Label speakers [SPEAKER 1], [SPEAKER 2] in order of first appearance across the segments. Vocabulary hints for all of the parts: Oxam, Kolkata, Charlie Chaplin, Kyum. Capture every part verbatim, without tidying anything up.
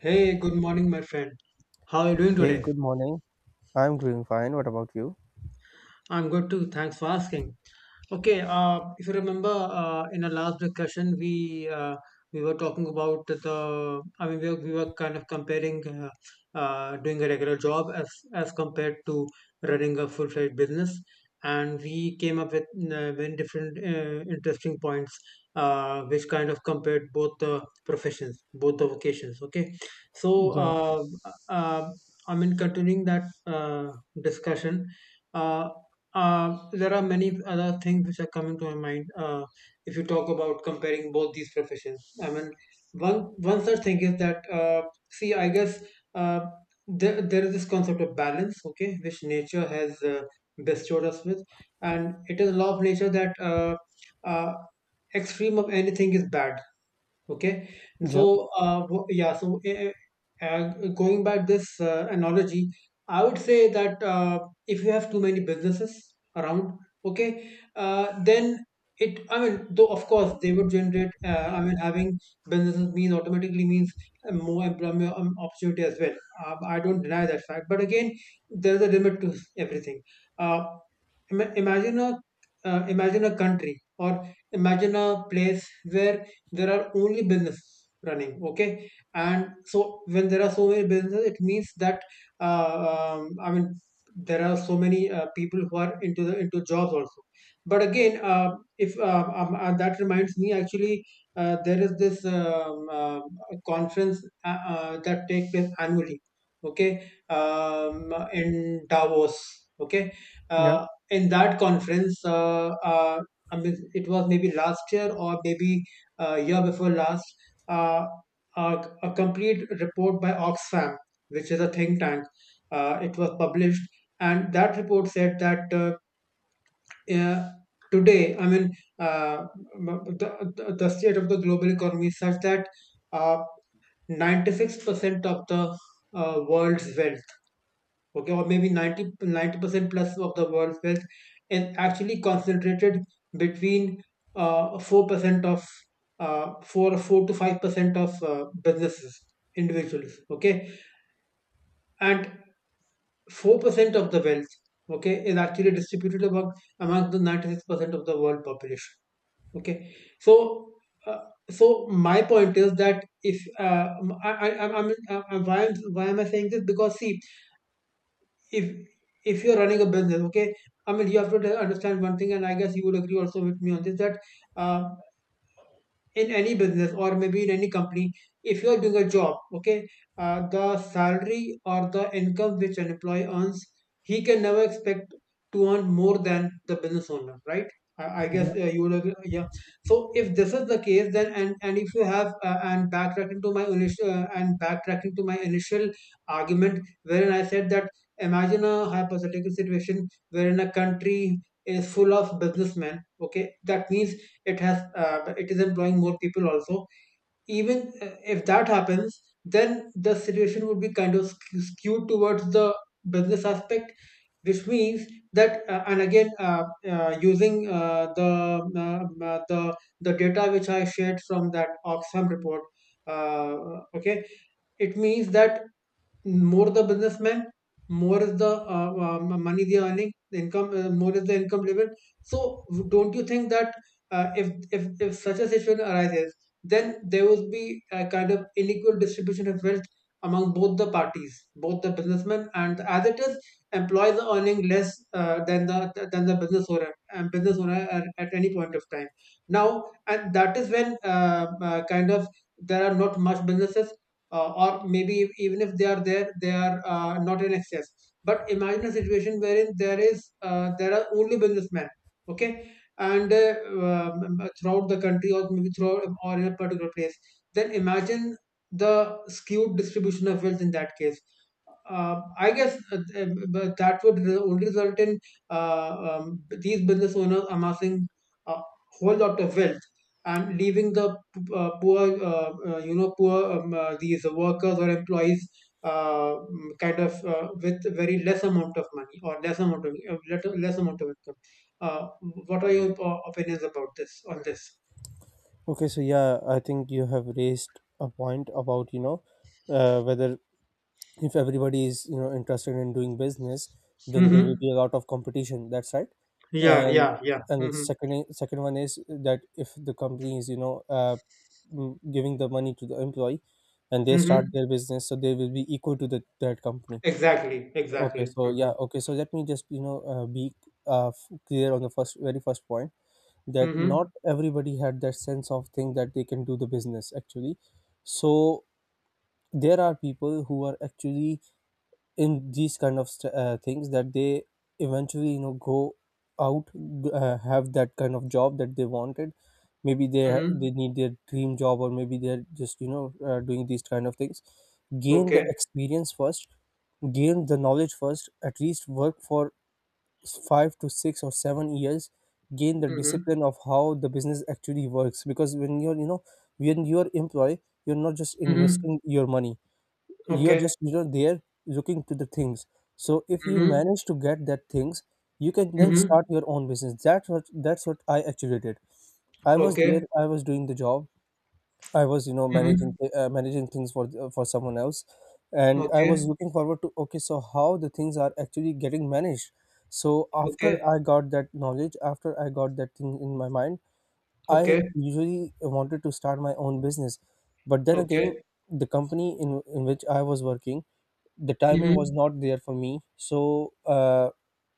[SPEAKER 1] Hey, good morning, my friend. How are you doing
[SPEAKER 2] Hey,
[SPEAKER 1] today?
[SPEAKER 2] good morning. I'm doing fine. What about you?
[SPEAKER 1] I'm good too. Thanks for asking. Okay, uh, if you remember, uh, in our last discussion, we uh, we were talking about the. I mean, we were, we were kind of comparing, uh, uh, doing a regular job as as compared to running a full fledged business, and we came up with, uh, many different, uh, interesting points, uh, which kind of compared both the professions, both the vocations. Okay, so
[SPEAKER 2] Yeah,
[SPEAKER 1] uh, uh, I mean, continuing that, uh, discussion. uh, uh, there are many other things which are coming to my mind, uh, if you talk about comparing both these professions. I mean, one one such thing is that, uh, see, I guess, uh, there there is this concept of balance, okay, which nature has, uh, bestowed us with, and it is a law of nature that, uh, uh, extreme of anything is bad. Okay,
[SPEAKER 2] yeah,
[SPEAKER 1] so uh, wo- yeah, so uh, uh, going back this, uh, analogy, I would say that, uh, if you have too many businesses around. Okay, uh, then, it I mean, though of course they would generate, uh, I mean, having businesses means, automatically means, uh, more employment, um, opportunity as well. uh, I don't deny that fact, but again, there's a limit to everything. uh, ima- Imagine a, uh, imagine a country or imagine a place where there are only business running. Okay, and so, when there are so many businesses, it means that, uh, um, I mean, there are so many, uh, people who are into the into jobs also. But again, uh, if uh, um, uh, that reminds me, actually, uh, there is this, um, uh, conference, uh, uh, that take place annually. Okay, um, in Davos. Okay,
[SPEAKER 2] yeah,
[SPEAKER 1] uh, in that conference, uh, uh, I mean, it was maybe last year or maybe, uh, year before last, uh, a, a complete report by Oxfam, which is a think tank. Uh, it was published, and that report said that, uh, uh, today, I mean, uh, the, the the state of the global economy is such that, uh, ninety-six percent of the, uh, world's wealth, okay, or maybe ninety percent plus of the world's wealth is actually concentrated between, uh, four percent of, uh, four, four to five percent of, uh, businesses, individuals, okay? And four percent of the wealth, okay, is actually distributed among among the ninety-six percent of the world population, okay? So, uh, so my point is that, if uh, I, I, I'm, I'm, I'm, why, am why am I saying this? Because, see, if if you're running a business. Okay, I mean, you have to understand one thing, and I guess you would agree also with me on this, that, uh, in any business or maybe in any company, if you're doing a job. Okay, uh, the salary or the income which an employee earns, he can never expect to earn more than the business owner, right? i, I
[SPEAKER 2] Yeah.
[SPEAKER 1] guess, uh, you would agree, yeah. So, if this is the case, then, and and if you have, uh, and backtracking to my initial uh, and backtracking to my initial argument, wherein I said that, imagine a hypothetical situation wherein a country is full of businessmen. Okay, that means it has uh, it is employing more people also. Even, uh, if that happens, then the situation would be kind of, skew- skewed towards the business aspect, which means that, uh, and again uh, uh, using, uh, the uh, uh, the the data which I shared from that Oxfam report. Uh, okay, it means that, more the businessman, more is the, uh, uh, money they are earning, the income, uh, more is the income level. So don't you think that, uh, if, if if such a situation arises, then there will be a kind of unequal distribution of wealth among both the parties, both the businessmen, and as it is, employees are earning less, uh, than the than the business owner, and business owner, at, at any point of time. Now, and that is when, uh, uh, kind of, there are not much businesses, uh, or maybe even if they are there, they are, uh, not in excess. But imagine a situation wherein there is uh, there are only businessmen, okay, and, uh, um, throughout the country or maybe throughout or in a particular place. Then imagine the skewed distribution of wealth in that case. Uh, I guess, uh, um, but that would, re- only result in, uh, um, these business owners amassing a whole lot of wealth and leaving the, uh, poor, uh, uh, you know poor, um, uh, these workers or employees, uh, mm, kind of, uh, with very less amount of money or less amount of, uh, let- less amount of income. uh, what are your, uh, opinions about this, on this?
[SPEAKER 2] Okay, so yeah, I think you have raised a point about, you know, uh, whether if everybody is, you know, interested in doing business, then there will
[SPEAKER 1] Hmm.
[SPEAKER 2] be a lot of competition. That's right.
[SPEAKER 1] Yeah,
[SPEAKER 2] And
[SPEAKER 1] yeah, yeah.
[SPEAKER 2] and the
[SPEAKER 1] Hmm.
[SPEAKER 2] second i- second one is that if the company is, you know, uh, mm, giving the money to the employee and they start
[SPEAKER 1] Hmm.
[SPEAKER 2] their business, so they will be equal to the, that company.
[SPEAKER 1] Exactly,
[SPEAKER 2] Okay,
[SPEAKER 1] exactly.
[SPEAKER 2] so
[SPEAKER 1] Hmm.
[SPEAKER 2] yeah, okay, so let me just you know uh, be uh, f- clear on the first very first point that
[SPEAKER 1] Hmm.
[SPEAKER 2] not everybody had that sense of thing that they can do the business actually. So there are people who are actually in these kind of st- uh, things that they eventually you know go out g- uh, have that kind of job that they wanted. Maybe they ha-
[SPEAKER 1] Hmm.
[SPEAKER 2] they need their dream job or maybe they're just you know uh, doing these kind of things. Gain
[SPEAKER 1] Okay.
[SPEAKER 2] the experience first, gain the knowledge first. At least work for five to six or seven years, gain the
[SPEAKER 1] Hmm.
[SPEAKER 2] discipline of how the business actually works. Because when you're you know when you're employee, you're not just
[SPEAKER 1] Hmm.
[SPEAKER 2] investing your money, you're
[SPEAKER 1] Okay.
[SPEAKER 2] just you know there looking to the things. So if you
[SPEAKER 1] Hmm.
[SPEAKER 2] manage to get that things, you can then
[SPEAKER 1] Hmm.
[SPEAKER 2] start your own business. That's what that's what I actually did. I was there,
[SPEAKER 1] Okay.
[SPEAKER 2] I was doing the job. I was, you know, managing
[SPEAKER 1] Hmm.
[SPEAKER 2] thi- uh, managing things for uh, for someone else, and I
[SPEAKER 1] Okay.
[SPEAKER 2] was looking forward to okay, so how the things are actually getting managed. So after
[SPEAKER 1] Okay.
[SPEAKER 2] I got that knowledge, after I got that thing in my mind, I
[SPEAKER 1] Okay.
[SPEAKER 2] usually wanted to start my own business, but then again,
[SPEAKER 1] Okay.
[SPEAKER 2] the company in in which I was working, the timing was
[SPEAKER 1] Hmm.
[SPEAKER 2] not there for me. So uh,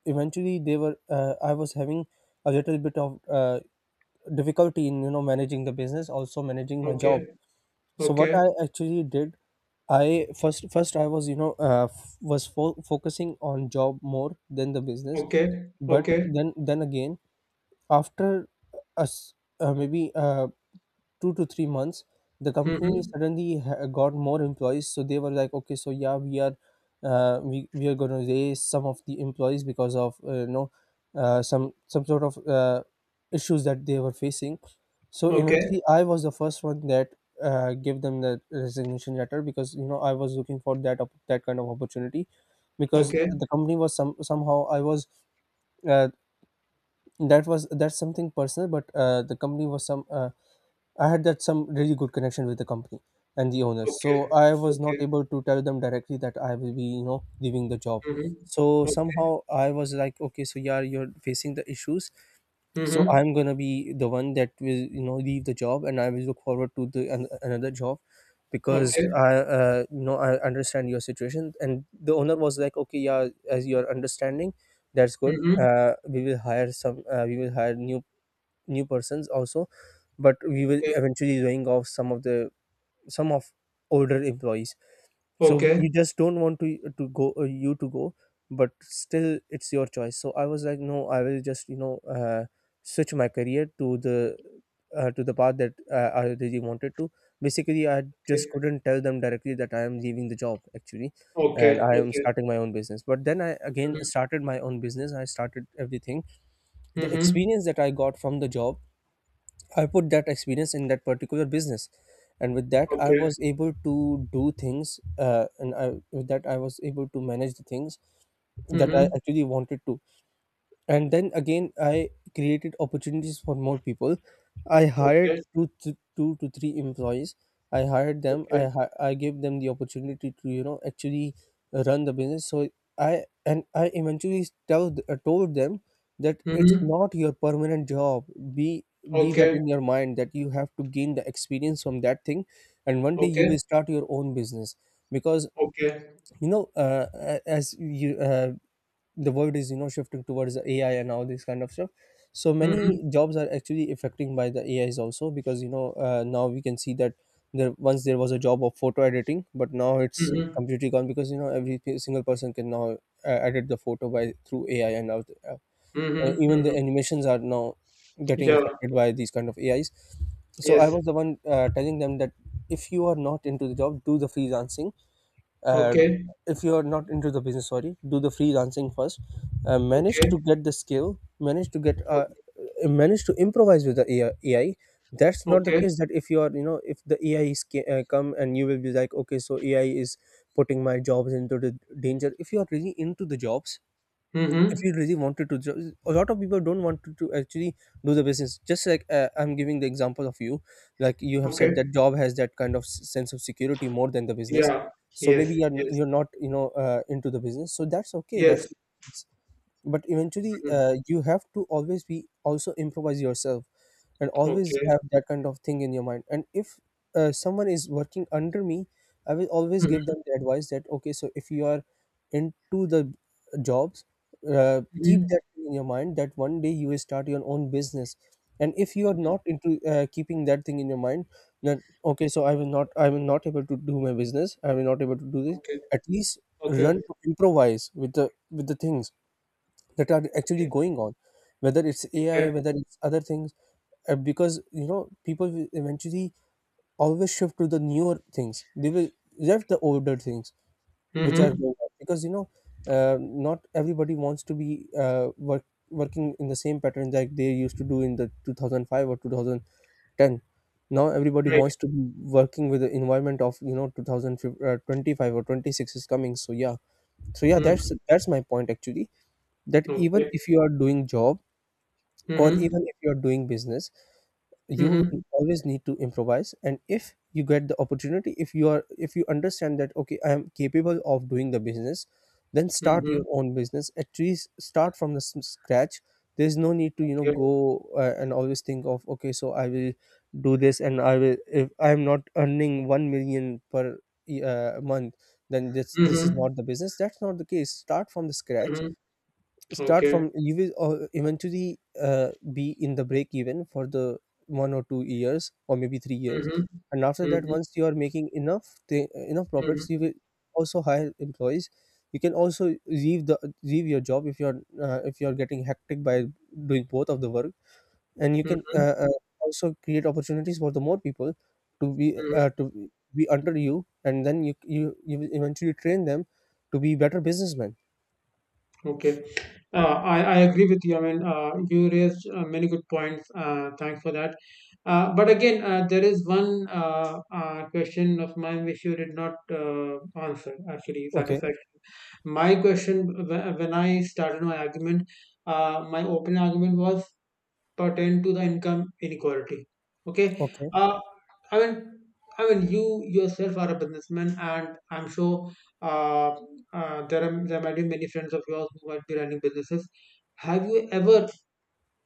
[SPEAKER 2] eventually, they were uh, I was having a little bit of uh, difficulty in you know managing the business, also managing my job.
[SPEAKER 1] Okay,
[SPEAKER 2] So what
[SPEAKER 1] okay.
[SPEAKER 2] I actually did, i first first I was you know uh, f- was fo- focusing on job more than the business.
[SPEAKER 1] Okay,
[SPEAKER 2] But
[SPEAKER 1] okay.
[SPEAKER 2] then then again, after us uh, maybe uh, two to three months, the company
[SPEAKER 1] Mm-hmm.
[SPEAKER 2] suddenly ha- got more employees. So they were like, okay, so yeah, we are uh, we, we are going to raise some of the employees because of uh, you know uh, some some sort of uh, issues that they were facing. So
[SPEAKER 1] Okay,
[SPEAKER 2] eventually, I was the first one that uh, gave them the resignation letter because you know I was looking for that op- that kind of opportunity. Because
[SPEAKER 1] okay,
[SPEAKER 2] the company was some somehow I was uh, that was that's something personal, but uh, the company was some uh, I had that some really good connection with the company and the owners.
[SPEAKER 1] okay,
[SPEAKER 2] So I was
[SPEAKER 1] okay.
[SPEAKER 2] not able to tell them directly that I will be, you know, leaving the job.
[SPEAKER 1] Mm-hmm.
[SPEAKER 2] So
[SPEAKER 1] Okay.
[SPEAKER 2] somehow I was like, okay, so yeah, you're facing the issues. So
[SPEAKER 1] Mm-hmm.
[SPEAKER 2] I'm gonna be the one that will, you know, leave the job, and I will look forward to the an, another job because
[SPEAKER 1] Okay.
[SPEAKER 2] I, uh, you know, I understand your situation. And the owner was like, okay, yeah, as you're understanding, that's good.
[SPEAKER 1] Mm-hmm.
[SPEAKER 2] Uh, we will hire some, uh, we will hire new new persons also, but we were
[SPEAKER 1] Okay,
[SPEAKER 2] eventually laying off some of the some of older employees. So
[SPEAKER 1] okay,
[SPEAKER 2] we just don't want to to go uh, you to go, but still it's your choice. So I was like no, I will just you know uh, switch my career to the uh, to the path that uh, I really wanted to. Basically, I
[SPEAKER 1] okay,
[SPEAKER 2] just couldn't tell them directly that I am leaving the job actually and
[SPEAKER 1] okay,
[SPEAKER 2] I am
[SPEAKER 1] okay.
[SPEAKER 2] starting my own business. But then I again started my own business, I started everything. The
[SPEAKER 1] Mm-hmm.
[SPEAKER 2] experience that I got from the job, I put that experience in that particular business, and with that, I
[SPEAKER 1] Okay.
[SPEAKER 2] was able to do things, uh, and I, with that, I was able to manage the things that I
[SPEAKER 1] Mm-hmm.
[SPEAKER 2] actually wanted to. And then again, I created opportunities for more people. I hired
[SPEAKER 1] Okay,
[SPEAKER 2] two th- two to three employees. I hired them,
[SPEAKER 1] okay.
[SPEAKER 2] i hi- I gave them the opportunity to you know actually run the business. So I and I eventually tell th- uh, told them that it's
[SPEAKER 1] Mm-hmm.
[SPEAKER 2] not your permanent job. be be that
[SPEAKER 1] Okay,
[SPEAKER 2] in your mind that you have to gain the experience from that thing, and one day you
[SPEAKER 1] okay,
[SPEAKER 2] will start your own business. Because
[SPEAKER 1] okay.
[SPEAKER 2] you know uh, a- as you uh, the world is you know shifting towards the AI and all this kind of stuff. So many
[SPEAKER 1] Mm-hmm,
[SPEAKER 2] jobs are actually affecting by the AIs also, because you know uh, now we can see that there once there was a job of photo editing, but now it's
[SPEAKER 1] mm-hmm,
[SPEAKER 2] completely gone because you know every p- single person can now uh, edit the photo by through AI and out, uh, and
[SPEAKER 1] mm-hmm,
[SPEAKER 2] even the
[SPEAKER 1] mm-hmm.
[SPEAKER 2] animations are now getting
[SPEAKER 1] Yeah,
[SPEAKER 2] affected by these kind of AIs. So I
[SPEAKER 1] yes.
[SPEAKER 2] was the one uh, telling them that if you are not into the job, do the freelancing. uh,
[SPEAKER 1] Okay,
[SPEAKER 2] if you are not into the business, sorry, do the freelancing first. Uh, manage
[SPEAKER 1] okay,
[SPEAKER 2] to get the skill, manage to get uh,
[SPEAKER 1] okay,
[SPEAKER 2] uh, manage to improvise with the AI. That's not the
[SPEAKER 1] okay.
[SPEAKER 2] case that if you are you know if the AI is ca- uh, come and you will be like okay so AI is putting my jobs into the danger. If you are really into the jobs,
[SPEAKER 1] Mm-hmm.
[SPEAKER 2] if you really wanted to jo- a lot of people don't want to, to actually do the business. Just like uh, I'm giving the example of you. Like you have
[SPEAKER 1] Okay.
[SPEAKER 2] said that job has that kind of s- sense of security more than the business.
[SPEAKER 1] Yeah,
[SPEAKER 2] So maybe
[SPEAKER 1] yes,
[SPEAKER 2] you're n-
[SPEAKER 1] yes,
[SPEAKER 2] you're not you know uh, into the business, so that's okay, that's.
[SPEAKER 1] yes.
[SPEAKER 2] But eventually
[SPEAKER 1] Mm-hmm.
[SPEAKER 2] uh, you have to always be also improvise yourself, and always
[SPEAKER 1] Okay.
[SPEAKER 2] have that kind of thing in your mind. And if uh, someone is working under me, I will always give
[SPEAKER 1] Mhm,
[SPEAKER 2] them the advice that okay so if you are into the jobs, uh, keep
[SPEAKER 1] mhm.
[SPEAKER 2] that thing in your mind that one day you will start your own business. And if you are
[SPEAKER 1] Mhm.
[SPEAKER 2] not into uh, keeping that thing in your mind, then okay so I will not, I will not able to do my business, I will not able to do this.
[SPEAKER 1] Okay.
[SPEAKER 2] At least
[SPEAKER 1] Okay.
[SPEAKER 2] run to improvise with the with the things that are actually
[SPEAKER 1] Okay.
[SPEAKER 2] going on, whether it's
[SPEAKER 1] Okay.
[SPEAKER 2] AI, whether it's other things. Uh, because you know people will eventually always shift to the newer things. They will left the older things which are
[SPEAKER 1] Mhm.
[SPEAKER 2] going on, because you know uh, not everybody wants to be uh, work, working in the same pattern like they used to do in the two thousand five or two thousand ten. Now everybody
[SPEAKER 1] Right.
[SPEAKER 2] wants to be working with the environment of you know two thousand twenty-five, uh, or twenty-six is coming. So yeah, so yeah,
[SPEAKER 1] Mhm.
[SPEAKER 2] that's that's my point actually. That even
[SPEAKER 1] Okay.
[SPEAKER 2] if you are doing job or
[SPEAKER 1] Mhm.
[SPEAKER 2] even if you are doing business, you
[SPEAKER 1] Mhm.
[SPEAKER 2] always need to improvise. And if you get the opportunity, if you are if you understand that okay I am capable of doing the business, then start your
[SPEAKER 1] Mhm.
[SPEAKER 2] own business, at least start from the s- scratch. There's no need to you know
[SPEAKER 1] Okay.
[SPEAKER 2] go uh, and always think of okay so I will do this and I will if I am not earning one million per uh, month, then this this is
[SPEAKER 1] Mhm.
[SPEAKER 2] not the business. That's not the case, start from the scratch.
[SPEAKER 1] Mhm.
[SPEAKER 2] Start
[SPEAKER 1] Okay.
[SPEAKER 2] from you will uh, eventually uh, be in the break even for the one or two years or maybe three years.
[SPEAKER 1] Mhm.
[SPEAKER 2] And after that,
[SPEAKER 1] Mhm.
[SPEAKER 2] once you are making enough th- enough profits,
[SPEAKER 1] Mhm.
[SPEAKER 2] you will also hire employees. You can also leave the leave your job if you're uh, if you're getting hectic by doing both of the work. And you can
[SPEAKER 1] Mhm.
[SPEAKER 2] uh, uh, also create opportunities for the more people to be uh,
[SPEAKER 1] Mhm.
[SPEAKER 2] to be under you, and then you you you will eventually train them to be better businessmen.
[SPEAKER 1] Okay. Uh, I, I agree with you. I mean, uh, you raised, uh, many good points. Uh, thanks for that. Uh, but again, uh, there is one, uh, uh, question of mine which you did not, uh, answer, actually,
[SPEAKER 2] Okay,
[SPEAKER 1] satisfaction. My question, wh- when I started my argument, uh, my opening argument was pertain to the income inequality. Okay,
[SPEAKER 2] okay,
[SPEAKER 1] uh, I mean, I mean, you yourself are a businessman, and I'm sure, uh, uh, there are there might be many friends of yours who might be running businesses. Have you ever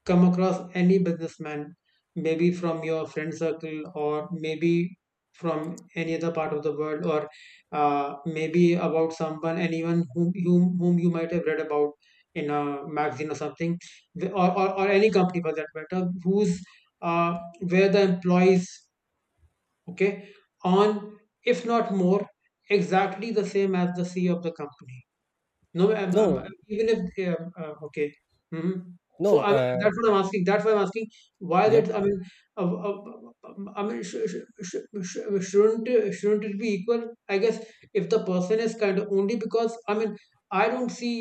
[SPEAKER 1] come across any businessman, maybe from your friend circle or maybe from any other part of the world, or, uh, maybe about someone, anyone, whom, whom, whom you might have read about in a magazine or something, wh- or, or, or any company for that matter, who's, uh, where the employees, okay, on, if not more, exactly the same as the C E O of the company? No, I'm, I'm,
[SPEAKER 2] no,
[SPEAKER 1] I'm- even if they are, uh, okay. Hmm. So
[SPEAKER 2] No,
[SPEAKER 1] I'm,
[SPEAKER 2] uh,
[SPEAKER 1] that's what I'm asking. That's why I'm asking why
[SPEAKER 2] yeah,
[SPEAKER 1] that. I mean, uh, uh, uh, I mean, sh- sh- sh- sh- shouldn't uh, shouldn't it be equal? I guess, if the person is kind of, only because, I mean, I don't see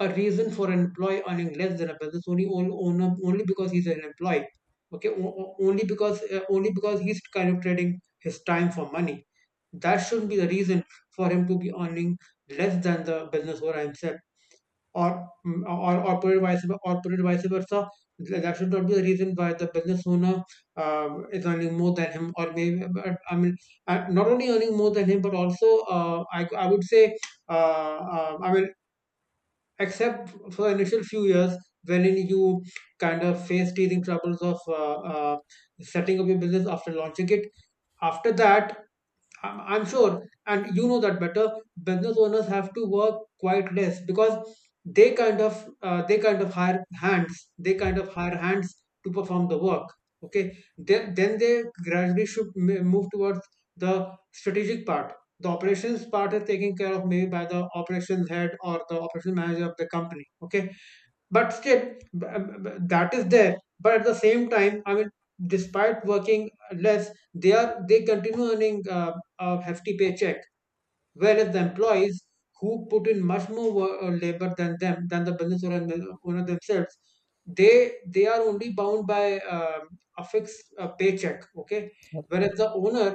[SPEAKER 1] a reason for an employee earning less than a business, only on- owner, only because he's an employee. Okay, o- o- only because uh, only because he's kind of trading his time for money. That shouldn't be the reason for him to be earning less than the business owner himself, or mm, or or put it vice or put it vice versa. That should not be the reason why the business owner, uh, is earning more than him, or maybe, but, I mean, uh, not only earning more than him, but also, uh, I I would say, uh, uh, I mean except for the initial few years wherein you kind of face teething troubles of, uh, uh, setting up your business after launching it. After that, I'm I'm sure, and you know that better. Business owners have to work quite less because they kind of uh, they kind of hire hands. They kind of hire hands to perform the work. Okay, then then they gradually should, m- move towards the strategic part. The operations part is taken care of maybe by the operations head or the operations manager of the company. Okay, but still, b- b- that is there. But at the same time, I mean, despite working less, they are they continue earning, uh, a hefty paycheck, whereas the employees who put in much more, wo- uh, labor than them, than the business owner owner themselves, they they are only bound by, um a fixed, uh, paycheck. Okay, whereas the owner,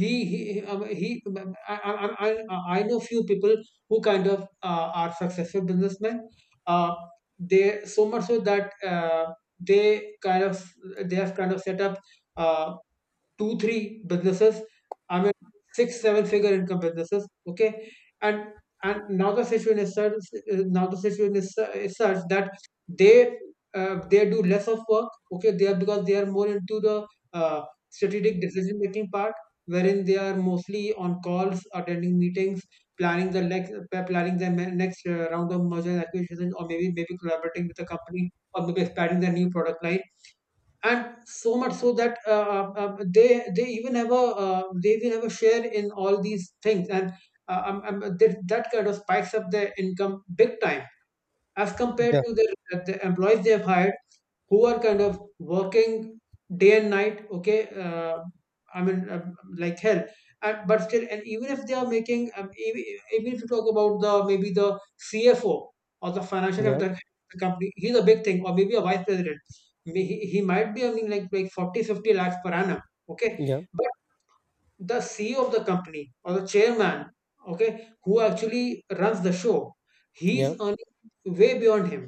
[SPEAKER 1] he he um, he I, I, I, I I know few people who kind of, uh, are successful businessmen, uh, they so much so that, uh, they kind of they have kind of set up, uh, two, three businesses. I mean, six, seven figure income businesses. Okay, and and now the situation is such. uh, Now the situation is, su- is such that they uh, they do less of work. Okay, they are because they are more into the uh, strategic decision making part, wherein they are mostly on calls, attending meetings, planning the next planning the ne- next uh, round of merger and acquisition, or maybe maybe collaborating with the company, or maybe expanding their new product line. And so much so that uh, uh, uh, they they even have a uh, they even have a share in all these things. And uh, um, um, that, that kind of spikes up their income big time as compared
[SPEAKER 2] yeah,
[SPEAKER 1] to the, the employees they have hired, who are kind of working day and night. Okay. uh, i mean uh, like hell. And, but still, and even if they are making um, even, even if you talk about the maybe the CFO, or the financial head of
[SPEAKER 2] yeah,
[SPEAKER 1] the the company, he's a big thing, or maybe a vice president. May- he, he might be earning like like forty fifty lakhs per annum. Okay.
[SPEAKER 2] yeah,
[SPEAKER 1] But the CEO of the company or the chairman, okay, who actually runs the show, he's
[SPEAKER 2] yeah,
[SPEAKER 1] earning way beyond him.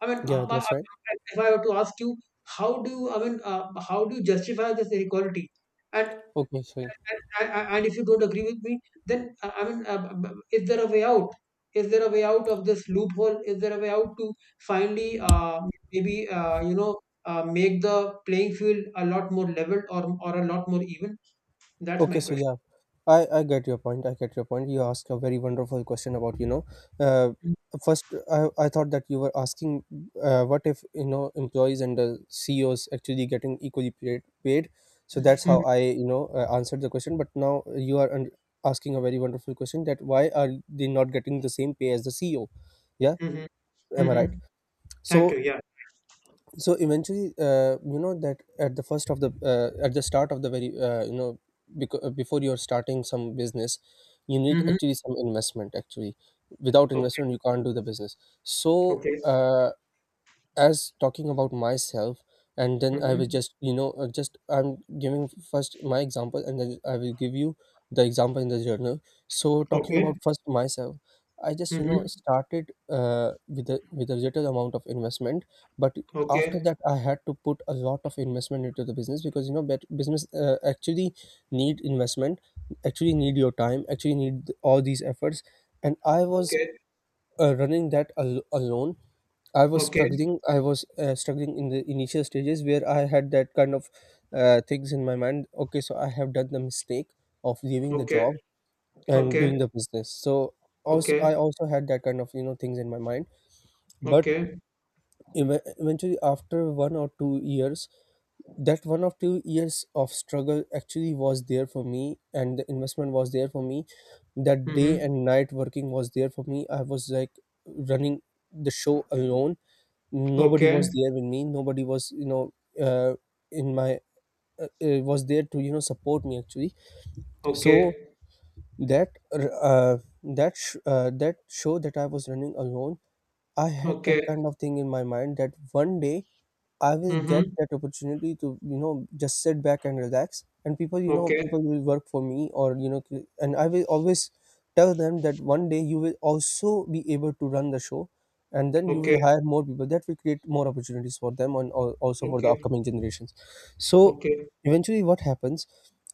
[SPEAKER 1] I mean, uh,
[SPEAKER 2] yeah,
[SPEAKER 1] but,
[SPEAKER 2] that's right.
[SPEAKER 1] uh, if I were to ask you, how do you, I mean, uh, how do you justify this inequality? And
[SPEAKER 2] Okay, so
[SPEAKER 1] and, and and if you don't agree with me, then uh, I mean, uh, b- b- is there a way out? Is there a way out of this loophole? Is there a way out to finally uh, maybe uh, you know uh, make the playing field a lot more leveled, or or a lot more even? That's
[SPEAKER 2] okay,
[SPEAKER 1] my
[SPEAKER 2] so
[SPEAKER 1] question.
[SPEAKER 2] yeah, I I get your point. I get your point. You asked a very wonderful question about you know, uh, first I I thought that you were asking, uh, what if you know employees and the C E Os actually getting equally paid paid? So that's
[SPEAKER 1] Mm-hmm.
[SPEAKER 2] how I you know uh, answered the question. But now you are un- asking a very wonderful question that why are they not getting the same pay as the C E O? Yeah,
[SPEAKER 1] Mm-hmm.
[SPEAKER 2] am I right?
[SPEAKER 1] Mm-hmm. Thank you.
[SPEAKER 2] So
[SPEAKER 1] Yeah.
[SPEAKER 2] so eventually, uh, you know, that at the first of the uh, at the start of the very uh, you know because before you're starting some business you need
[SPEAKER 1] Mm-hmm.
[SPEAKER 2] actually some investment actually. Without
[SPEAKER 1] Okay.
[SPEAKER 2] investment you can't do the business. So,
[SPEAKER 1] Okay.
[SPEAKER 2] uh, as talking about myself, and then I will
[SPEAKER 1] Mm-hmm.
[SPEAKER 2] just you know uh, just I'm giving first my example, and then I will give you the example in the journal. So talking
[SPEAKER 1] Okay.
[SPEAKER 2] about first myself, I just you know
[SPEAKER 1] Mm-hmm.
[SPEAKER 2] started uh, with a with a little amount of investment. But after
[SPEAKER 1] Okay.
[SPEAKER 2] that I had to put a lot of investment into the business, because you know bet- business uh, actually need investment, actually need your time, actually need all these efforts. And I was
[SPEAKER 1] Okay.
[SPEAKER 2] uh, running that al- alone. I was
[SPEAKER 1] Okay,
[SPEAKER 2] struggling, I was uh, struggling in the initial stages where I had that kind of uh, things in my mind. Okay, so I have done the mistake of leaving the
[SPEAKER 1] okay,
[SPEAKER 2] job and
[SPEAKER 1] okay,
[SPEAKER 2] doing the business. So also
[SPEAKER 1] okay,
[SPEAKER 2] I also had that kind of you know things in my mind. But
[SPEAKER 1] okay,
[SPEAKER 2] ev- eventually after one or two years, that one or two years of struggle actually was there for me, and the investment was there for me, that day
[SPEAKER 1] mm-hmm,
[SPEAKER 2] and night working was there for me. I was like running the show alone. Nobody
[SPEAKER 1] okay,
[SPEAKER 2] was there with me, nobody was you know uh, in my uh, uh, was there to you know support me actually. So
[SPEAKER 1] okay,
[SPEAKER 2] that uh, that sh- uh, that show that I was running alone, I had that
[SPEAKER 1] okay,
[SPEAKER 2] kind of thing in my mind that one day I will
[SPEAKER 1] mm-hmm,
[SPEAKER 2] get that opportunity to, you know, just sit back and relax. And people, you know,
[SPEAKER 1] okay,
[SPEAKER 2] people will work for me, or, you know, cre- and I will always tell them that one day you will also be able to run the show, and then you
[SPEAKER 1] okay,
[SPEAKER 2] will hire more people. That will create more opportunities for them, and al- also for the
[SPEAKER 1] okay,
[SPEAKER 2] upcoming generations. So
[SPEAKER 1] okay,
[SPEAKER 2] eventually, what happens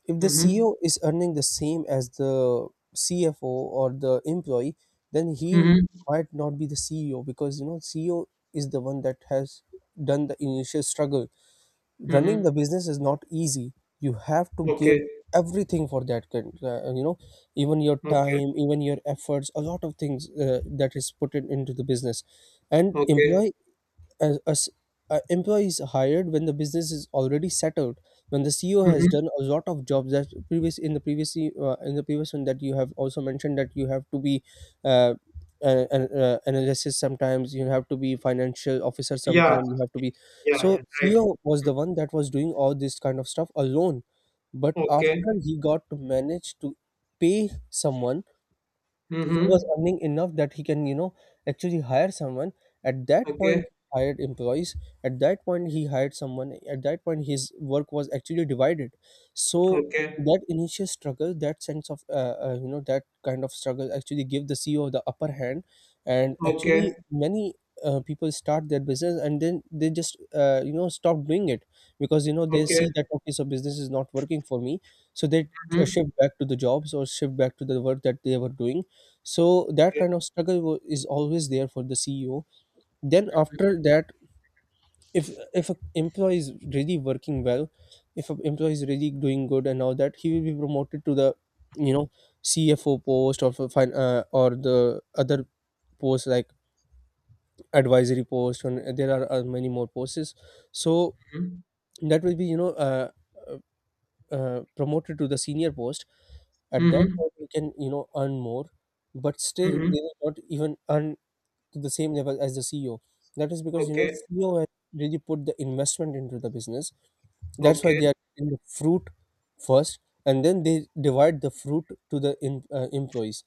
[SPEAKER 2] if the
[SPEAKER 1] mm-hmm,
[SPEAKER 2] C E O is earning the same as the C F O or the employee, then he
[SPEAKER 1] mm-hmm,
[SPEAKER 2] might not be the C E O, because, you know, C E O is the one that has done the initial struggle. Running
[SPEAKER 1] mm-hmm,
[SPEAKER 2] the business is not easy. You have to give
[SPEAKER 1] okay,
[SPEAKER 2] everything for that. Kind- Uh, you know, even your
[SPEAKER 1] okay,
[SPEAKER 2] time, even your efforts, a lot of things uh, that is put in, into the business. And
[SPEAKER 1] okay,
[SPEAKER 2] employee, as, as uh, employee is hired when the business is already settled, when the CEO has
[SPEAKER 1] mm-hmm,
[SPEAKER 2] done a lot of jobs. That previous, in the previous e- uh, in the previous one that you have also mentioned, that you have to be uh, an, an uh, analysis, sometimes you have to be financial officer,
[SPEAKER 1] yeah,
[SPEAKER 2] sometimes you have to be.
[SPEAKER 1] yeah,
[SPEAKER 2] So
[SPEAKER 1] yeah, right.
[SPEAKER 2] CEO was
[SPEAKER 1] Mm,
[SPEAKER 2] the one that was doing all this kind of stuff alone, but after
[SPEAKER 1] okay,
[SPEAKER 2] he got to manage to pay someone, he was
[SPEAKER 1] mm-hmm,
[SPEAKER 2] earning enough that he can you know actually hire someone. At that
[SPEAKER 1] okay,
[SPEAKER 2] point he hired employees, at that point he hired someone, at that point his work was actually divided. So
[SPEAKER 1] okay,
[SPEAKER 2] that initial struggle, that sense of uh, uh, you know, that kind of struggle actually give the CEO the upper hand. And
[SPEAKER 1] okay,
[SPEAKER 2] actually many uh, people start their business and then they just uh, you know stop doing it, because you know they
[SPEAKER 1] okay,
[SPEAKER 2] see that okay, so business is not working for me. So they uh,
[SPEAKER 1] mm-hmm,
[SPEAKER 2] shift back to the jobs or shift back to the work that they were doing. So that
[SPEAKER 1] okay,
[SPEAKER 2] kind of struggle wa- is always there for the CEO. Then after that, if if an employee is really working well, if an employee is really doing good and all that, he will be promoted to the you know CFO post, or for fin- uh, or the other posts like advisory post, and there are uh, many more posts. So
[SPEAKER 1] mm-hmm,
[SPEAKER 2] that will be you know uh, uh, uh, promoted to the senior post. At that
[SPEAKER 1] mm-hmm,
[SPEAKER 2] point you can you know earn more, but still
[SPEAKER 1] mm-hmm,
[SPEAKER 2] they will not even earn to the same level as the C E O. That is because you know
[SPEAKER 1] okay,
[SPEAKER 2] C E O has really put the investment into the business. That's why they
[SPEAKER 1] okay,
[SPEAKER 2] are in the fruit first, and then they divide the fruit to the in, uh, employees.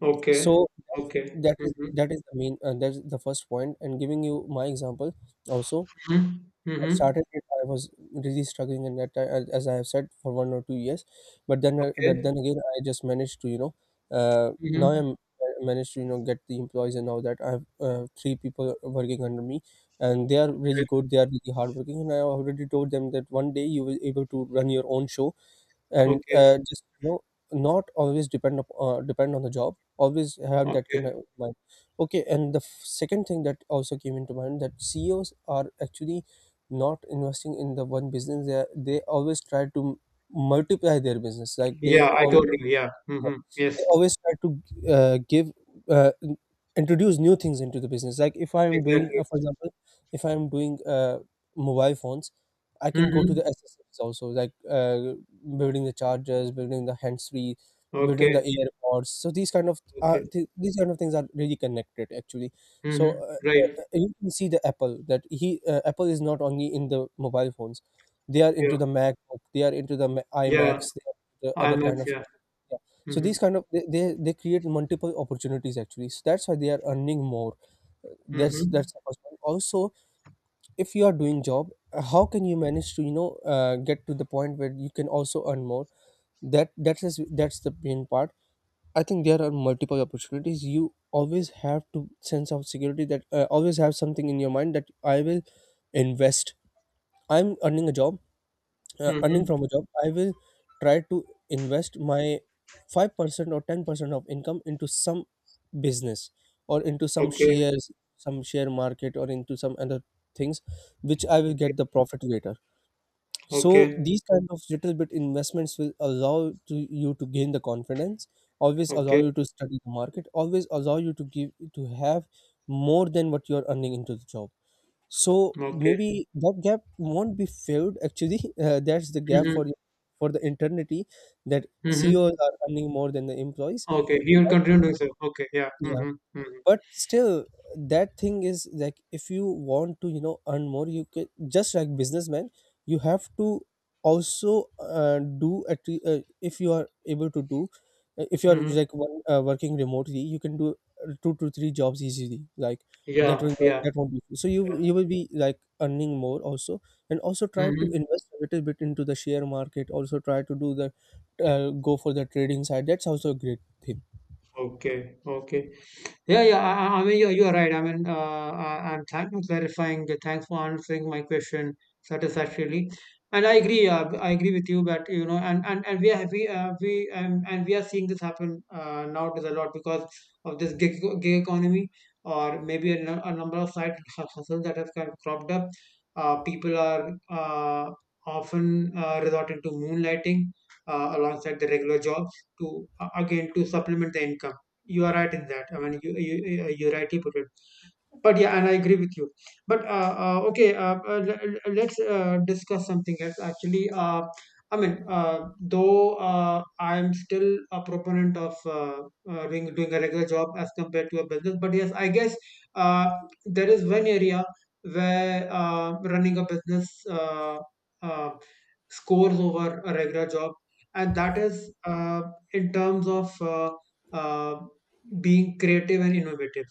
[SPEAKER 1] okay,
[SPEAKER 2] So
[SPEAKER 1] okay,
[SPEAKER 2] that is
[SPEAKER 1] mm-hmm,
[SPEAKER 2] that is the main uh, that's the first point. And giving you my example also,
[SPEAKER 1] mm-hmm,
[SPEAKER 2] I
[SPEAKER 1] mm-hmm.
[SPEAKER 2] started it. I was really struggling in that time, as as I have said, for one or two years. But then, uh, but
[SPEAKER 1] Okay.
[SPEAKER 2] then again, I just managed to, you know, uh, now
[SPEAKER 1] Mhm.
[SPEAKER 2] I'm, I managed to, you know, get the employees, and now that I have uh, three people working under me, and they are
[SPEAKER 1] Okay.
[SPEAKER 2] really good. They are really hardworking, and I already told them that one day you will able to run your own show, and
[SPEAKER 1] Okay.
[SPEAKER 2] uh, just you know not always depend up, uh, depend on the job, always have that kind
[SPEAKER 1] Okay.
[SPEAKER 2] of mind. Okay, and the f- second thing that also came into mind, that CEOs are actually not investing in the one business, they are, they always try to m- multiply their business, like they
[SPEAKER 1] Yeah, I
[SPEAKER 2] always,
[SPEAKER 1] told you. Yeah. Mm-hmm.
[SPEAKER 2] they
[SPEAKER 1] Yes.
[SPEAKER 2] always try to uh, give uh, n- introduce new things into the business. Like if I am doing
[SPEAKER 1] Exactly.
[SPEAKER 2] uh, for example, if I am doing uh, mobile phones, I can go to
[SPEAKER 1] Mm-hmm.
[SPEAKER 2] the accessories also, like uh, building the chargers, building the hands free, building
[SPEAKER 1] Okay.
[SPEAKER 2] the airpods. So these kind of uh,
[SPEAKER 1] Okay.
[SPEAKER 2] th- these kind of things are really connected actually. So
[SPEAKER 1] Mm-hmm.
[SPEAKER 2] uh,
[SPEAKER 1] Right.
[SPEAKER 2] uh, you can see the apple that he uh, apple is not only in the mobile phones, they are
[SPEAKER 1] Yeah.
[SPEAKER 2] into the macbook, they are into the Ma-
[SPEAKER 1] Yeah.
[SPEAKER 2] imacs, they are into the other
[SPEAKER 1] IMAX.
[SPEAKER 2] kind of,
[SPEAKER 1] Yeah.
[SPEAKER 2] yeah. So
[SPEAKER 1] Mm-hmm.
[SPEAKER 2] these kind of, they, they they create multiple opportunities actually. So that's why they are earning more. Uh, That's
[SPEAKER 1] Mm-hmm.
[SPEAKER 2] that's the first one. Also, if you are doing job, uh, how can you manage to you know uh, get to the point where you can also earn more? That that is that's the main part. I think there are multiple opportunities. You always have to sense of security that uh, always have something in your mind that I will invest. I'm earning a job, uh, earning
[SPEAKER 1] Mm-hmm.
[SPEAKER 2] from a job, I will try to invest my five percent or ten percent of income into some business, or into some
[SPEAKER 1] Okay.
[SPEAKER 2] shares, some share market, or into some other things, which I will
[SPEAKER 1] Okay.
[SPEAKER 2] get the profit later. So
[SPEAKER 1] Okay.
[SPEAKER 2] these kind of little bit investments will allow to you to gain the confidence, always allow
[SPEAKER 1] Okay.
[SPEAKER 2] you to study the market, always allow you to give to have more than what you are earning into the job. So
[SPEAKER 1] Okay.
[SPEAKER 2] maybe that gap won't be filled. Actually, uh, that's the gap for
[SPEAKER 1] Mm-hmm.
[SPEAKER 2] for the eternity, that
[SPEAKER 1] Mm-hmm.
[SPEAKER 2] C E Os are earning more than the employees.
[SPEAKER 1] Okay. He will
[SPEAKER 2] But
[SPEAKER 1] continue doing so. Okay. Yeah.
[SPEAKER 2] yeah,
[SPEAKER 1] Mm-hmm. Mm-hmm.
[SPEAKER 2] but still, that thing is like if you want to you know earn more, you can just like businessman, you have to also uh, do at le- uh, if you are able to do, uh, if you are
[SPEAKER 1] Mm-hmm.
[SPEAKER 2] like one, uh, working remotely, you can do uh, two to three jobs easily, like that
[SPEAKER 1] Yeah.
[SPEAKER 2] one job
[SPEAKER 1] Yeah.
[SPEAKER 2] that won't be. So you
[SPEAKER 1] Yeah.
[SPEAKER 2] you will be like earning more also, and also try to
[SPEAKER 1] Mm-hmm.
[SPEAKER 2] invest a little bit into the share market, also try to do the uh, go for the trading side, that's also a great thing.
[SPEAKER 1] Okay. Okay. Yeah, yeah. I, I I mean, you're, you're right. I mean, uh, I, I'm thank for clarifying. uh, Thanks for answering my question satisfactorily. And I agree. Uh, I agree with you. But you know, and and and we are we uh, we um, and we are seeing this happen uh, nowadays a lot because of this gig, gig economy, or maybe a, nu- a number of side hu- hustles that have kind of cropped up. Uh, people are uh, often uh, resorting to moonlighting uh, alongside the regular jobs to uh, again to supplement the income. You are right in that. I mean, you, you, you- are right, you put it. But yeah, and I agree with you. But uh, uh, okay, uh, uh, le- le- let's uh, discuss something else actually. uh, i mean uh, though uh, I'm still a proponent of uh, uh, doing, doing a regular job as compared to a business, but yes, I guess uh, there is one area where uh, running a business uh, uh, scores over a regular job. And that is uh, in terms of uh, uh, being creative and innovative.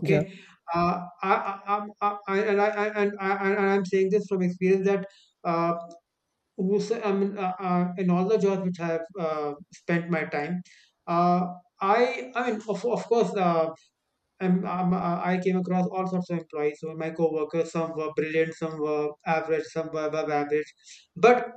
[SPEAKER 2] yeah
[SPEAKER 1] uh, I, I, I'm- I, I, and I, I, and I, I- and I'm saying this from experience that uh, who's, I mean, uh, uh, in all the jobs which I've uh, spent my time, uh, I, I mean, of, of course, uh, I'm, I'm, uh, I came across all sorts of employees. So my coworkers, some were brilliant, some were average, some were above average. But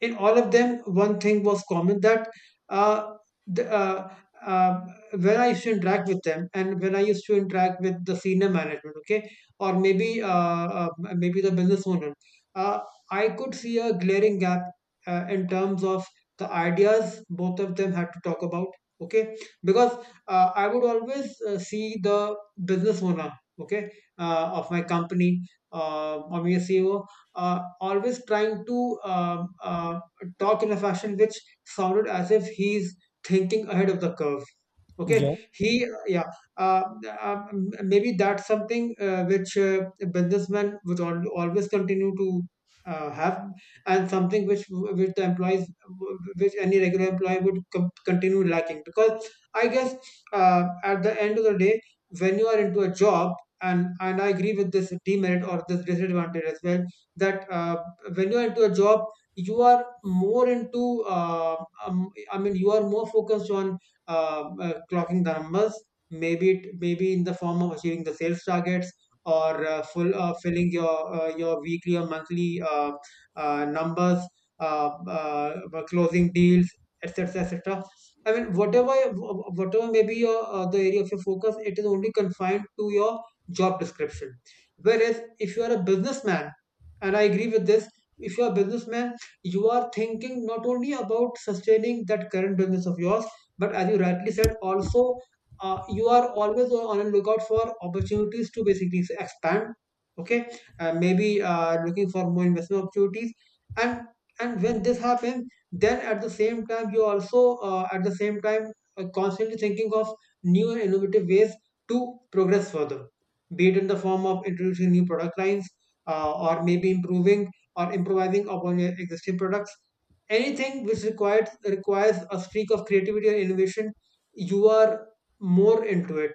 [SPEAKER 1] in all of them, one thing was common that uh, the, uh, uh, when I used to interact with them, and when I used to interact with the senior management, okay, or maybe uh, uh, maybe the business owner, uh, I could see a glaring gap uh, in terms of the ideas both of them had to talk about, okay, because uh, I would always uh, see the business owner, okay, uh, of my company uh, or my C E O uh, always trying to um uh, talk in a fashion which sounded as if he's thinking ahead of the curve.
[SPEAKER 2] yeah
[SPEAKER 1] Okay. He, yeah. uh, uh, Maybe that's something uh, which uh, businessmen would al- always continue to uh, have, and something which which the employees, which any regular employee would com- continue lacking, because I guess uh, at the end of the day, when you are into a job, and and I agree with this demerit or this disadvantage as well, that uh, when you are into a job, you are more into uh, um, I mean, you are more focused on uh, uh, clocking the numbers. Maybe it maybe in the form of achieving the sales targets, or uh, full uh, filling your uh, your weekly or monthly uh, uh, numbers, uh, uh, closing deals, etc., etc. I mean, whatever whatever may be your uh, the area of your focus, it is only confined to your job description. Whereas if you are a businessman, and I agree with this, if you are a businessman, you are thinking not only about sustaining that current business of yours, but as you rightly said also, uh, you are always on a lookout for opportunities to basically expand. Okay. Uh, maybe uh, looking for more investment opportunities. And and when this happens, then at the same time you also, uh, at the same time uh, constantly thinking of new and innovative ways to progress further, be it in the form of introducing new product lines, uh, or maybe improving or improvising upon your existing products, anything which requires requires a streak of creativity and innovation. You are more into it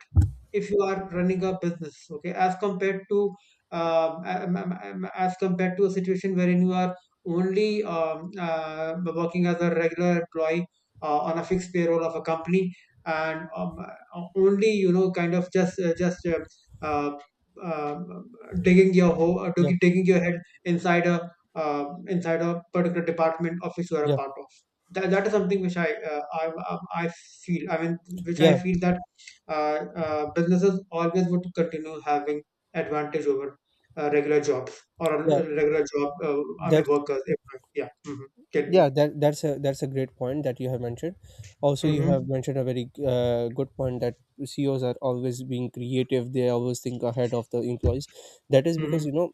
[SPEAKER 1] if you are running a business, okay, as compared to um, um, um, um, as compared to a situation wherein you are only um, uh, working as a regular employee uh, on a fixed payroll of a company, and um, uh, only, you know, kind of just uh, just uh, uh, um, digging your hole,
[SPEAKER 2] yeah
[SPEAKER 1] digging your head inside a uh, inside a particular department of which you are a
[SPEAKER 2] yeah
[SPEAKER 1] part of. That, that is something which I, uh, I I I feel. I mean, which I
[SPEAKER 2] yeah
[SPEAKER 1] feel that uh, uh, businesses always would continue having advantage over uh, regular jobs or a
[SPEAKER 2] Yeah,
[SPEAKER 1] regular job. Uh, I mean,
[SPEAKER 2] that's,
[SPEAKER 1] workers. If, I, yeah. Mm-hmm. Get
[SPEAKER 2] yeah,
[SPEAKER 1] me.
[SPEAKER 2] that that's a that's a great point that you have mentioned. Also, you
[SPEAKER 1] Mm-hmm.
[SPEAKER 2] have mentioned a very uh, good point, that C E Os are always being creative. They always think ahead of the employees. That is because
[SPEAKER 1] Mm-hmm.
[SPEAKER 2] you know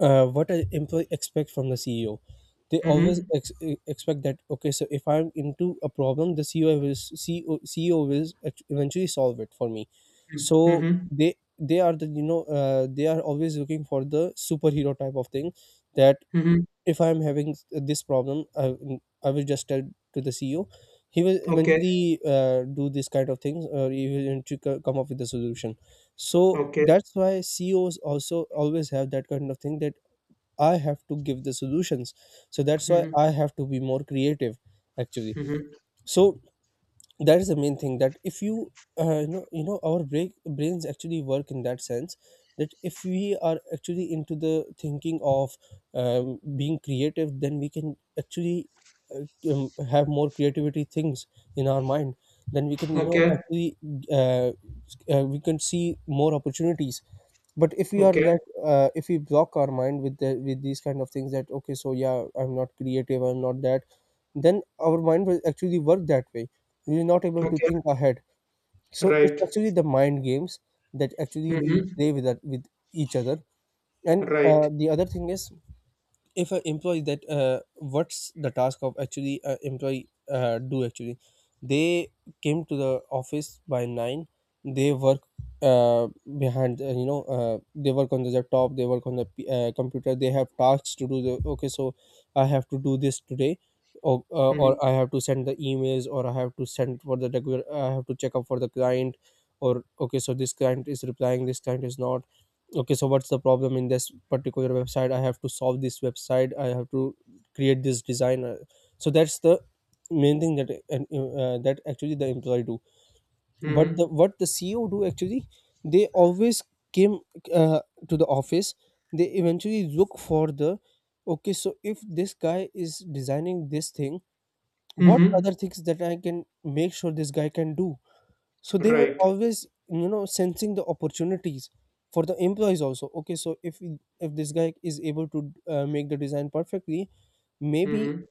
[SPEAKER 2] uh, what an employee expect from the C E O. They always
[SPEAKER 1] Mm-hmm.
[SPEAKER 2] ex- e- expect that, okay, so if I'm into a problem, the C E O will s- C E O, C E O will act- eventually solve it for me. So
[SPEAKER 1] Mm-hmm.
[SPEAKER 2] they they are the you know uh, they are always looking for the superhero type of thing that
[SPEAKER 1] Mm-hmm.
[SPEAKER 2] if I'm having this problem i, mm, I will just tell to the CEO. He will
[SPEAKER 1] Okay.
[SPEAKER 2] eventually uh, do this kind of things, or he will eventually co- come up with the solution. So
[SPEAKER 1] Okay.
[SPEAKER 2] that's why CEOs also always have that kind of thing that I have to give the solutions, so that's why
[SPEAKER 1] Mm-hmm.
[SPEAKER 2] I have to be more creative actually.
[SPEAKER 1] Mm-hmm.
[SPEAKER 2] So that is the main thing that if you uh, you know you know our break, brains actually work in that sense, that if we are actually into the thinking of um, being creative, then we can actually uh, um, have more creativity things in our mind. Then we can you know
[SPEAKER 1] Okay.
[SPEAKER 2] actually uh, uh, we can see more opportunities. But if we are
[SPEAKER 1] Okay.
[SPEAKER 2] that uh, if we block our mind with the with these kind of things that okay, so yeah, I'm not creative, I'm not that, then our mind will actually work that way. You're not able to
[SPEAKER 1] Okay.
[SPEAKER 2] think ahead. So it's
[SPEAKER 1] Right.
[SPEAKER 2] actually the mind games that actually we
[SPEAKER 1] Mm-hmm.
[SPEAKER 2] play with that, with each other. And
[SPEAKER 1] Right.
[SPEAKER 2] uh, the other thing is, if an employee that uh, what's the task of actually uh, employee uh, do actually, they came to the office by nine. They work uh, behind uh, you know uh, they work on the laptop, they work on the P- uh, computer. They have tasks to do the okay, so I have to do this today, or, uh, or
[SPEAKER 1] Mm-hmm.
[SPEAKER 2] I have to send the emails, or I have to send for the regular, I have to check up for the client, or okay, so this client is replying, this client is not. Okay, so what's the problem in this particular website? I have to solve this website, I have to create this design. Uh, so that's the main thing that uh, uh, that actually the employee do. But the
[SPEAKER 1] Mm-hmm.
[SPEAKER 2] what the CEO do actually, they always came uh, to the office, they eventually look for the okay, so if this guy is designing this thing, what other
[SPEAKER 1] Mm-hmm.
[SPEAKER 2] things that I can make sure this guy can do. So they were
[SPEAKER 1] Right.
[SPEAKER 2] always you know sensing the opportunities for the employees also. Okay, so if if this guy is able to uh, make the design perfectly, maybe
[SPEAKER 1] Mhm.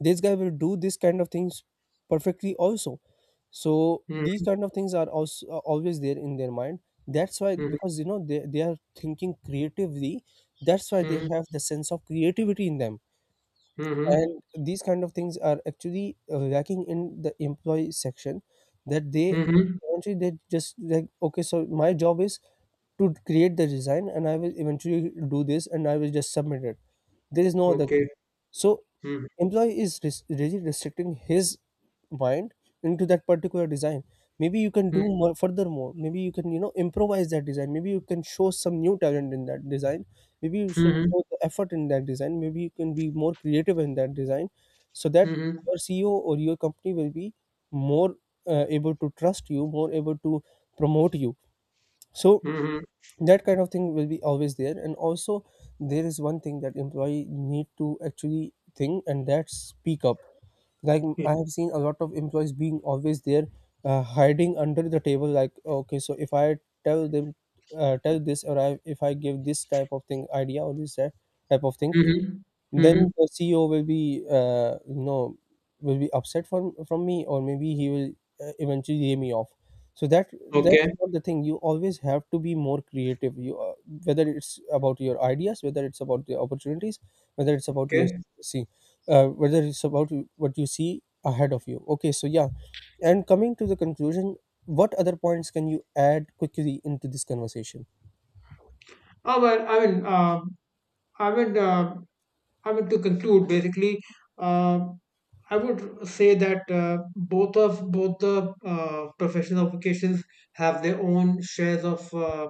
[SPEAKER 2] this guy will do this kind of things perfectly also. So these
[SPEAKER 1] Mhm.
[SPEAKER 2] kind of things are also are always there in their mind. That's why
[SPEAKER 1] Mhm.
[SPEAKER 2] because you know they, they are thinking creatively, that's why they
[SPEAKER 1] Mhm.
[SPEAKER 2] have the sense of creativity in them.
[SPEAKER 1] Mhm.
[SPEAKER 2] And these kind of things are actually uh, lacking in the employee section, that they
[SPEAKER 1] Mhm.
[SPEAKER 2] eventually they just like okay, so my job is to create the design and I will eventually do this and I will just submit it, there is no other
[SPEAKER 1] Okay.
[SPEAKER 2] thing. So
[SPEAKER 1] Mhm.
[SPEAKER 2] employee is res- really restricting his mind into that particular design. Maybe you can do
[SPEAKER 1] Mhm.
[SPEAKER 2] more furthermore, maybe you can you know improvise that design, maybe you can show some new talent in that design, maybe you should
[SPEAKER 1] Mhm.
[SPEAKER 2] show the effort in that design, maybe you can be more creative in that design, so that your CEO or your company will be more uh, able to trust you, more able to promote you. So
[SPEAKER 1] Mhm.
[SPEAKER 2] that kind of thing will be always there. And also, there is one thing that employee need to actually think, and that's speak up. Like, I have seen a lot of employees being always there uh, hiding under the table, like okay, so if I tell them uh, tell this, or I, if I give this type of thing idea or this type type of thing,
[SPEAKER 1] Mhm.
[SPEAKER 2] then
[SPEAKER 1] Mhm.
[SPEAKER 2] the C E O will be uh, you know will be upset from from me, or maybe he will uh, eventually lay me off. So that
[SPEAKER 1] Okay.
[SPEAKER 2] that's not the thing. You always have to be more creative. You uh, whether it's about your ideas, whether it's about the opportunities, whether it's about your
[SPEAKER 1] Okay.
[SPEAKER 2] see uh, whether it's about you- what you see ahead of you. Okay, so yeah, and coming to the conclusion, what other points can you add quickly into this conversation?
[SPEAKER 1] Oh, well, I mean, uh, I mean, uh, I mean, to conclude, basically, uh. I would say that uh, both of both the uh, professional vocations have their own shares of uh,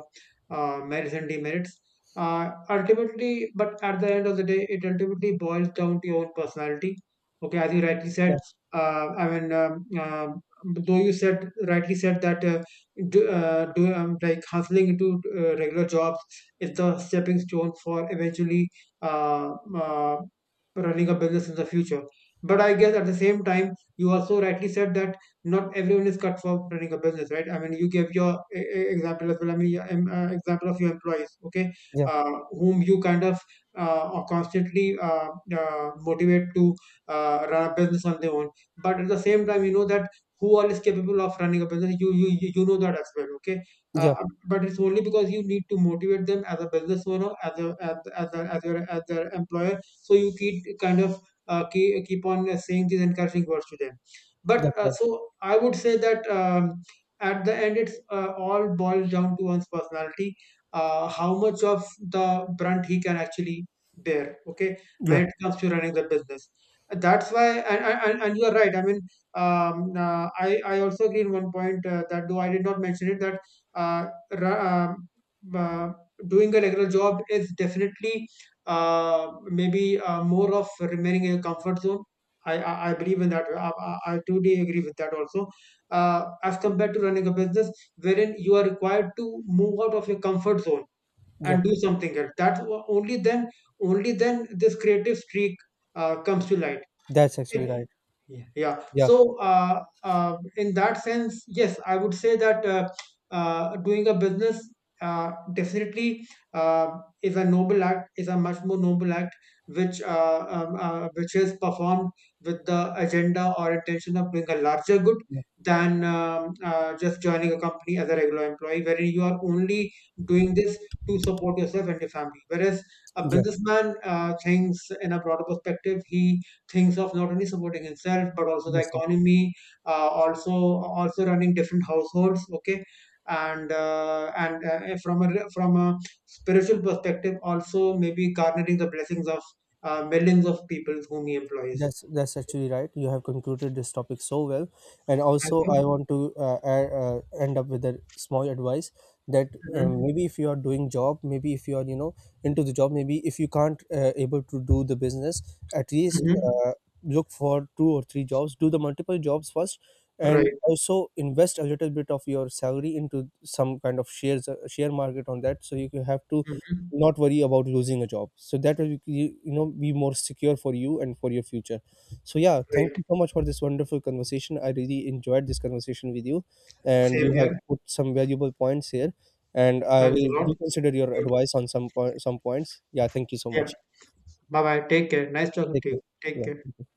[SPEAKER 1] uh, merits and demerits. Uh, ultimately, but at the end of the day, it ultimately boils down to your own personality. Okay, as you rightly said,
[SPEAKER 2] Yeah,
[SPEAKER 1] uh, I mean, um, um, though you said rightly said that uh, do, uh, do um, like hustling into uh, regular jobs is the stepping stone for eventually uh, uh, running a business in the future. But I guess at the same time, you also rightly said that not everyone is cut for running a business, right? I mean, you gave your e- e- example as well. I mean, your, em- uh, example of your employees, okay,
[SPEAKER 2] yeah,
[SPEAKER 1] uh, whom you kind of uh, are constantly uh, uh, motivate to uh, run a business on their own. But at the same time, you know that who all is capable of running a business. You you you you know that as well, okay?
[SPEAKER 2] yeah,
[SPEAKER 1] Uh, but it's only because you need to motivate them as a business owner, as a as as a, as your as their employer. So you keep kind of uh, keep, keep on uh, saying these encouraging words to them. But
[SPEAKER 2] that's
[SPEAKER 1] uh,
[SPEAKER 2] right,
[SPEAKER 1] so I would say that um, at the end, it's uh, all boils down to one's personality. Uh, how much of the brunt he can actually bear, okay, when
[SPEAKER 2] yeah,
[SPEAKER 1] it comes to running the business. That's why. And, and, and and you are right, I mean, um, uh, I, I also agree in one point uh, that, though I did not mention it, that uh, ra- um, uh, doing a regular job is definitely uh, maybe uh, more of remaining in a comfort zone. I, I, I believe in that. I, I, I totally agree with that also. Uh, as compared to running a business wherein you are required to move out of your comfort zone
[SPEAKER 2] yeah,
[SPEAKER 1] and do something else. That's wha- only then, only then this creative streak uh, comes to light.
[SPEAKER 2] that's actually
[SPEAKER 1] Okay.
[SPEAKER 2] right,
[SPEAKER 1] Yeah. Yeah.
[SPEAKER 2] yeah.
[SPEAKER 1] So, uh, uh, in that sense, yes, I would say that uh, uh, doing a business uh, definitely uh, is a noble act, is a much more noble act, which uh, um, uh, which is performed with the agenda or intention of doing a larger good
[SPEAKER 2] Yeah,
[SPEAKER 1] than um, uh, just joining a company as a regular employee, wherein you are only doing this to support yourself and your family. Whereas a
[SPEAKER 2] yeah,
[SPEAKER 1] businessman uh, thinks in a broader perspective, he thinks of not only supporting himself but also the
[SPEAKER 2] that's
[SPEAKER 1] economy, uh, also also running different households, okay. and uh, and uh, From a from a spiritual perspective also, maybe garnering the blessings of uh, millions of people whom he employs.
[SPEAKER 2] that's that's actually right. You have concluded this topic so well, and
[SPEAKER 1] Thank
[SPEAKER 2] also
[SPEAKER 1] you.
[SPEAKER 2] I want to uh, add, uh, end up with a small advice that um,
[SPEAKER 1] Hmm.
[SPEAKER 2] maybe if you are doing job, maybe if you are you know into the job, maybe if you can't uh, able to do the business, at least
[SPEAKER 1] Hmm.
[SPEAKER 2] uh, look for two or three jobs. Do the multiple jobs first, and
[SPEAKER 1] Right.
[SPEAKER 2] also invest a little bit of your salary into some kind of shares, uh, share market on that, so you can have to
[SPEAKER 1] Hmm.
[SPEAKER 2] not worry about losing a job, so that will be you know be more secure for you and for your future. So yeah, thank
[SPEAKER 1] Right.
[SPEAKER 2] you so much for this wonderful conversation, I really enjoyed this conversation with you, and
[SPEAKER 1] Same
[SPEAKER 2] you have
[SPEAKER 1] here.
[SPEAKER 2] put some valuable points here, and I
[SPEAKER 1] Thanks a
[SPEAKER 2] will
[SPEAKER 1] lot.
[SPEAKER 2] do consider your advice on some po- some points. Yeah, thank you so
[SPEAKER 1] Yeah.
[SPEAKER 2] much.
[SPEAKER 1] Bye bye. Take care. Nice talking
[SPEAKER 2] Take
[SPEAKER 1] to you.
[SPEAKER 2] care.
[SPEAKER 1] Take
[SPEAKER 2] Yeah,
[SPEAKER 1] care.
[SPEAKER 2] thank you.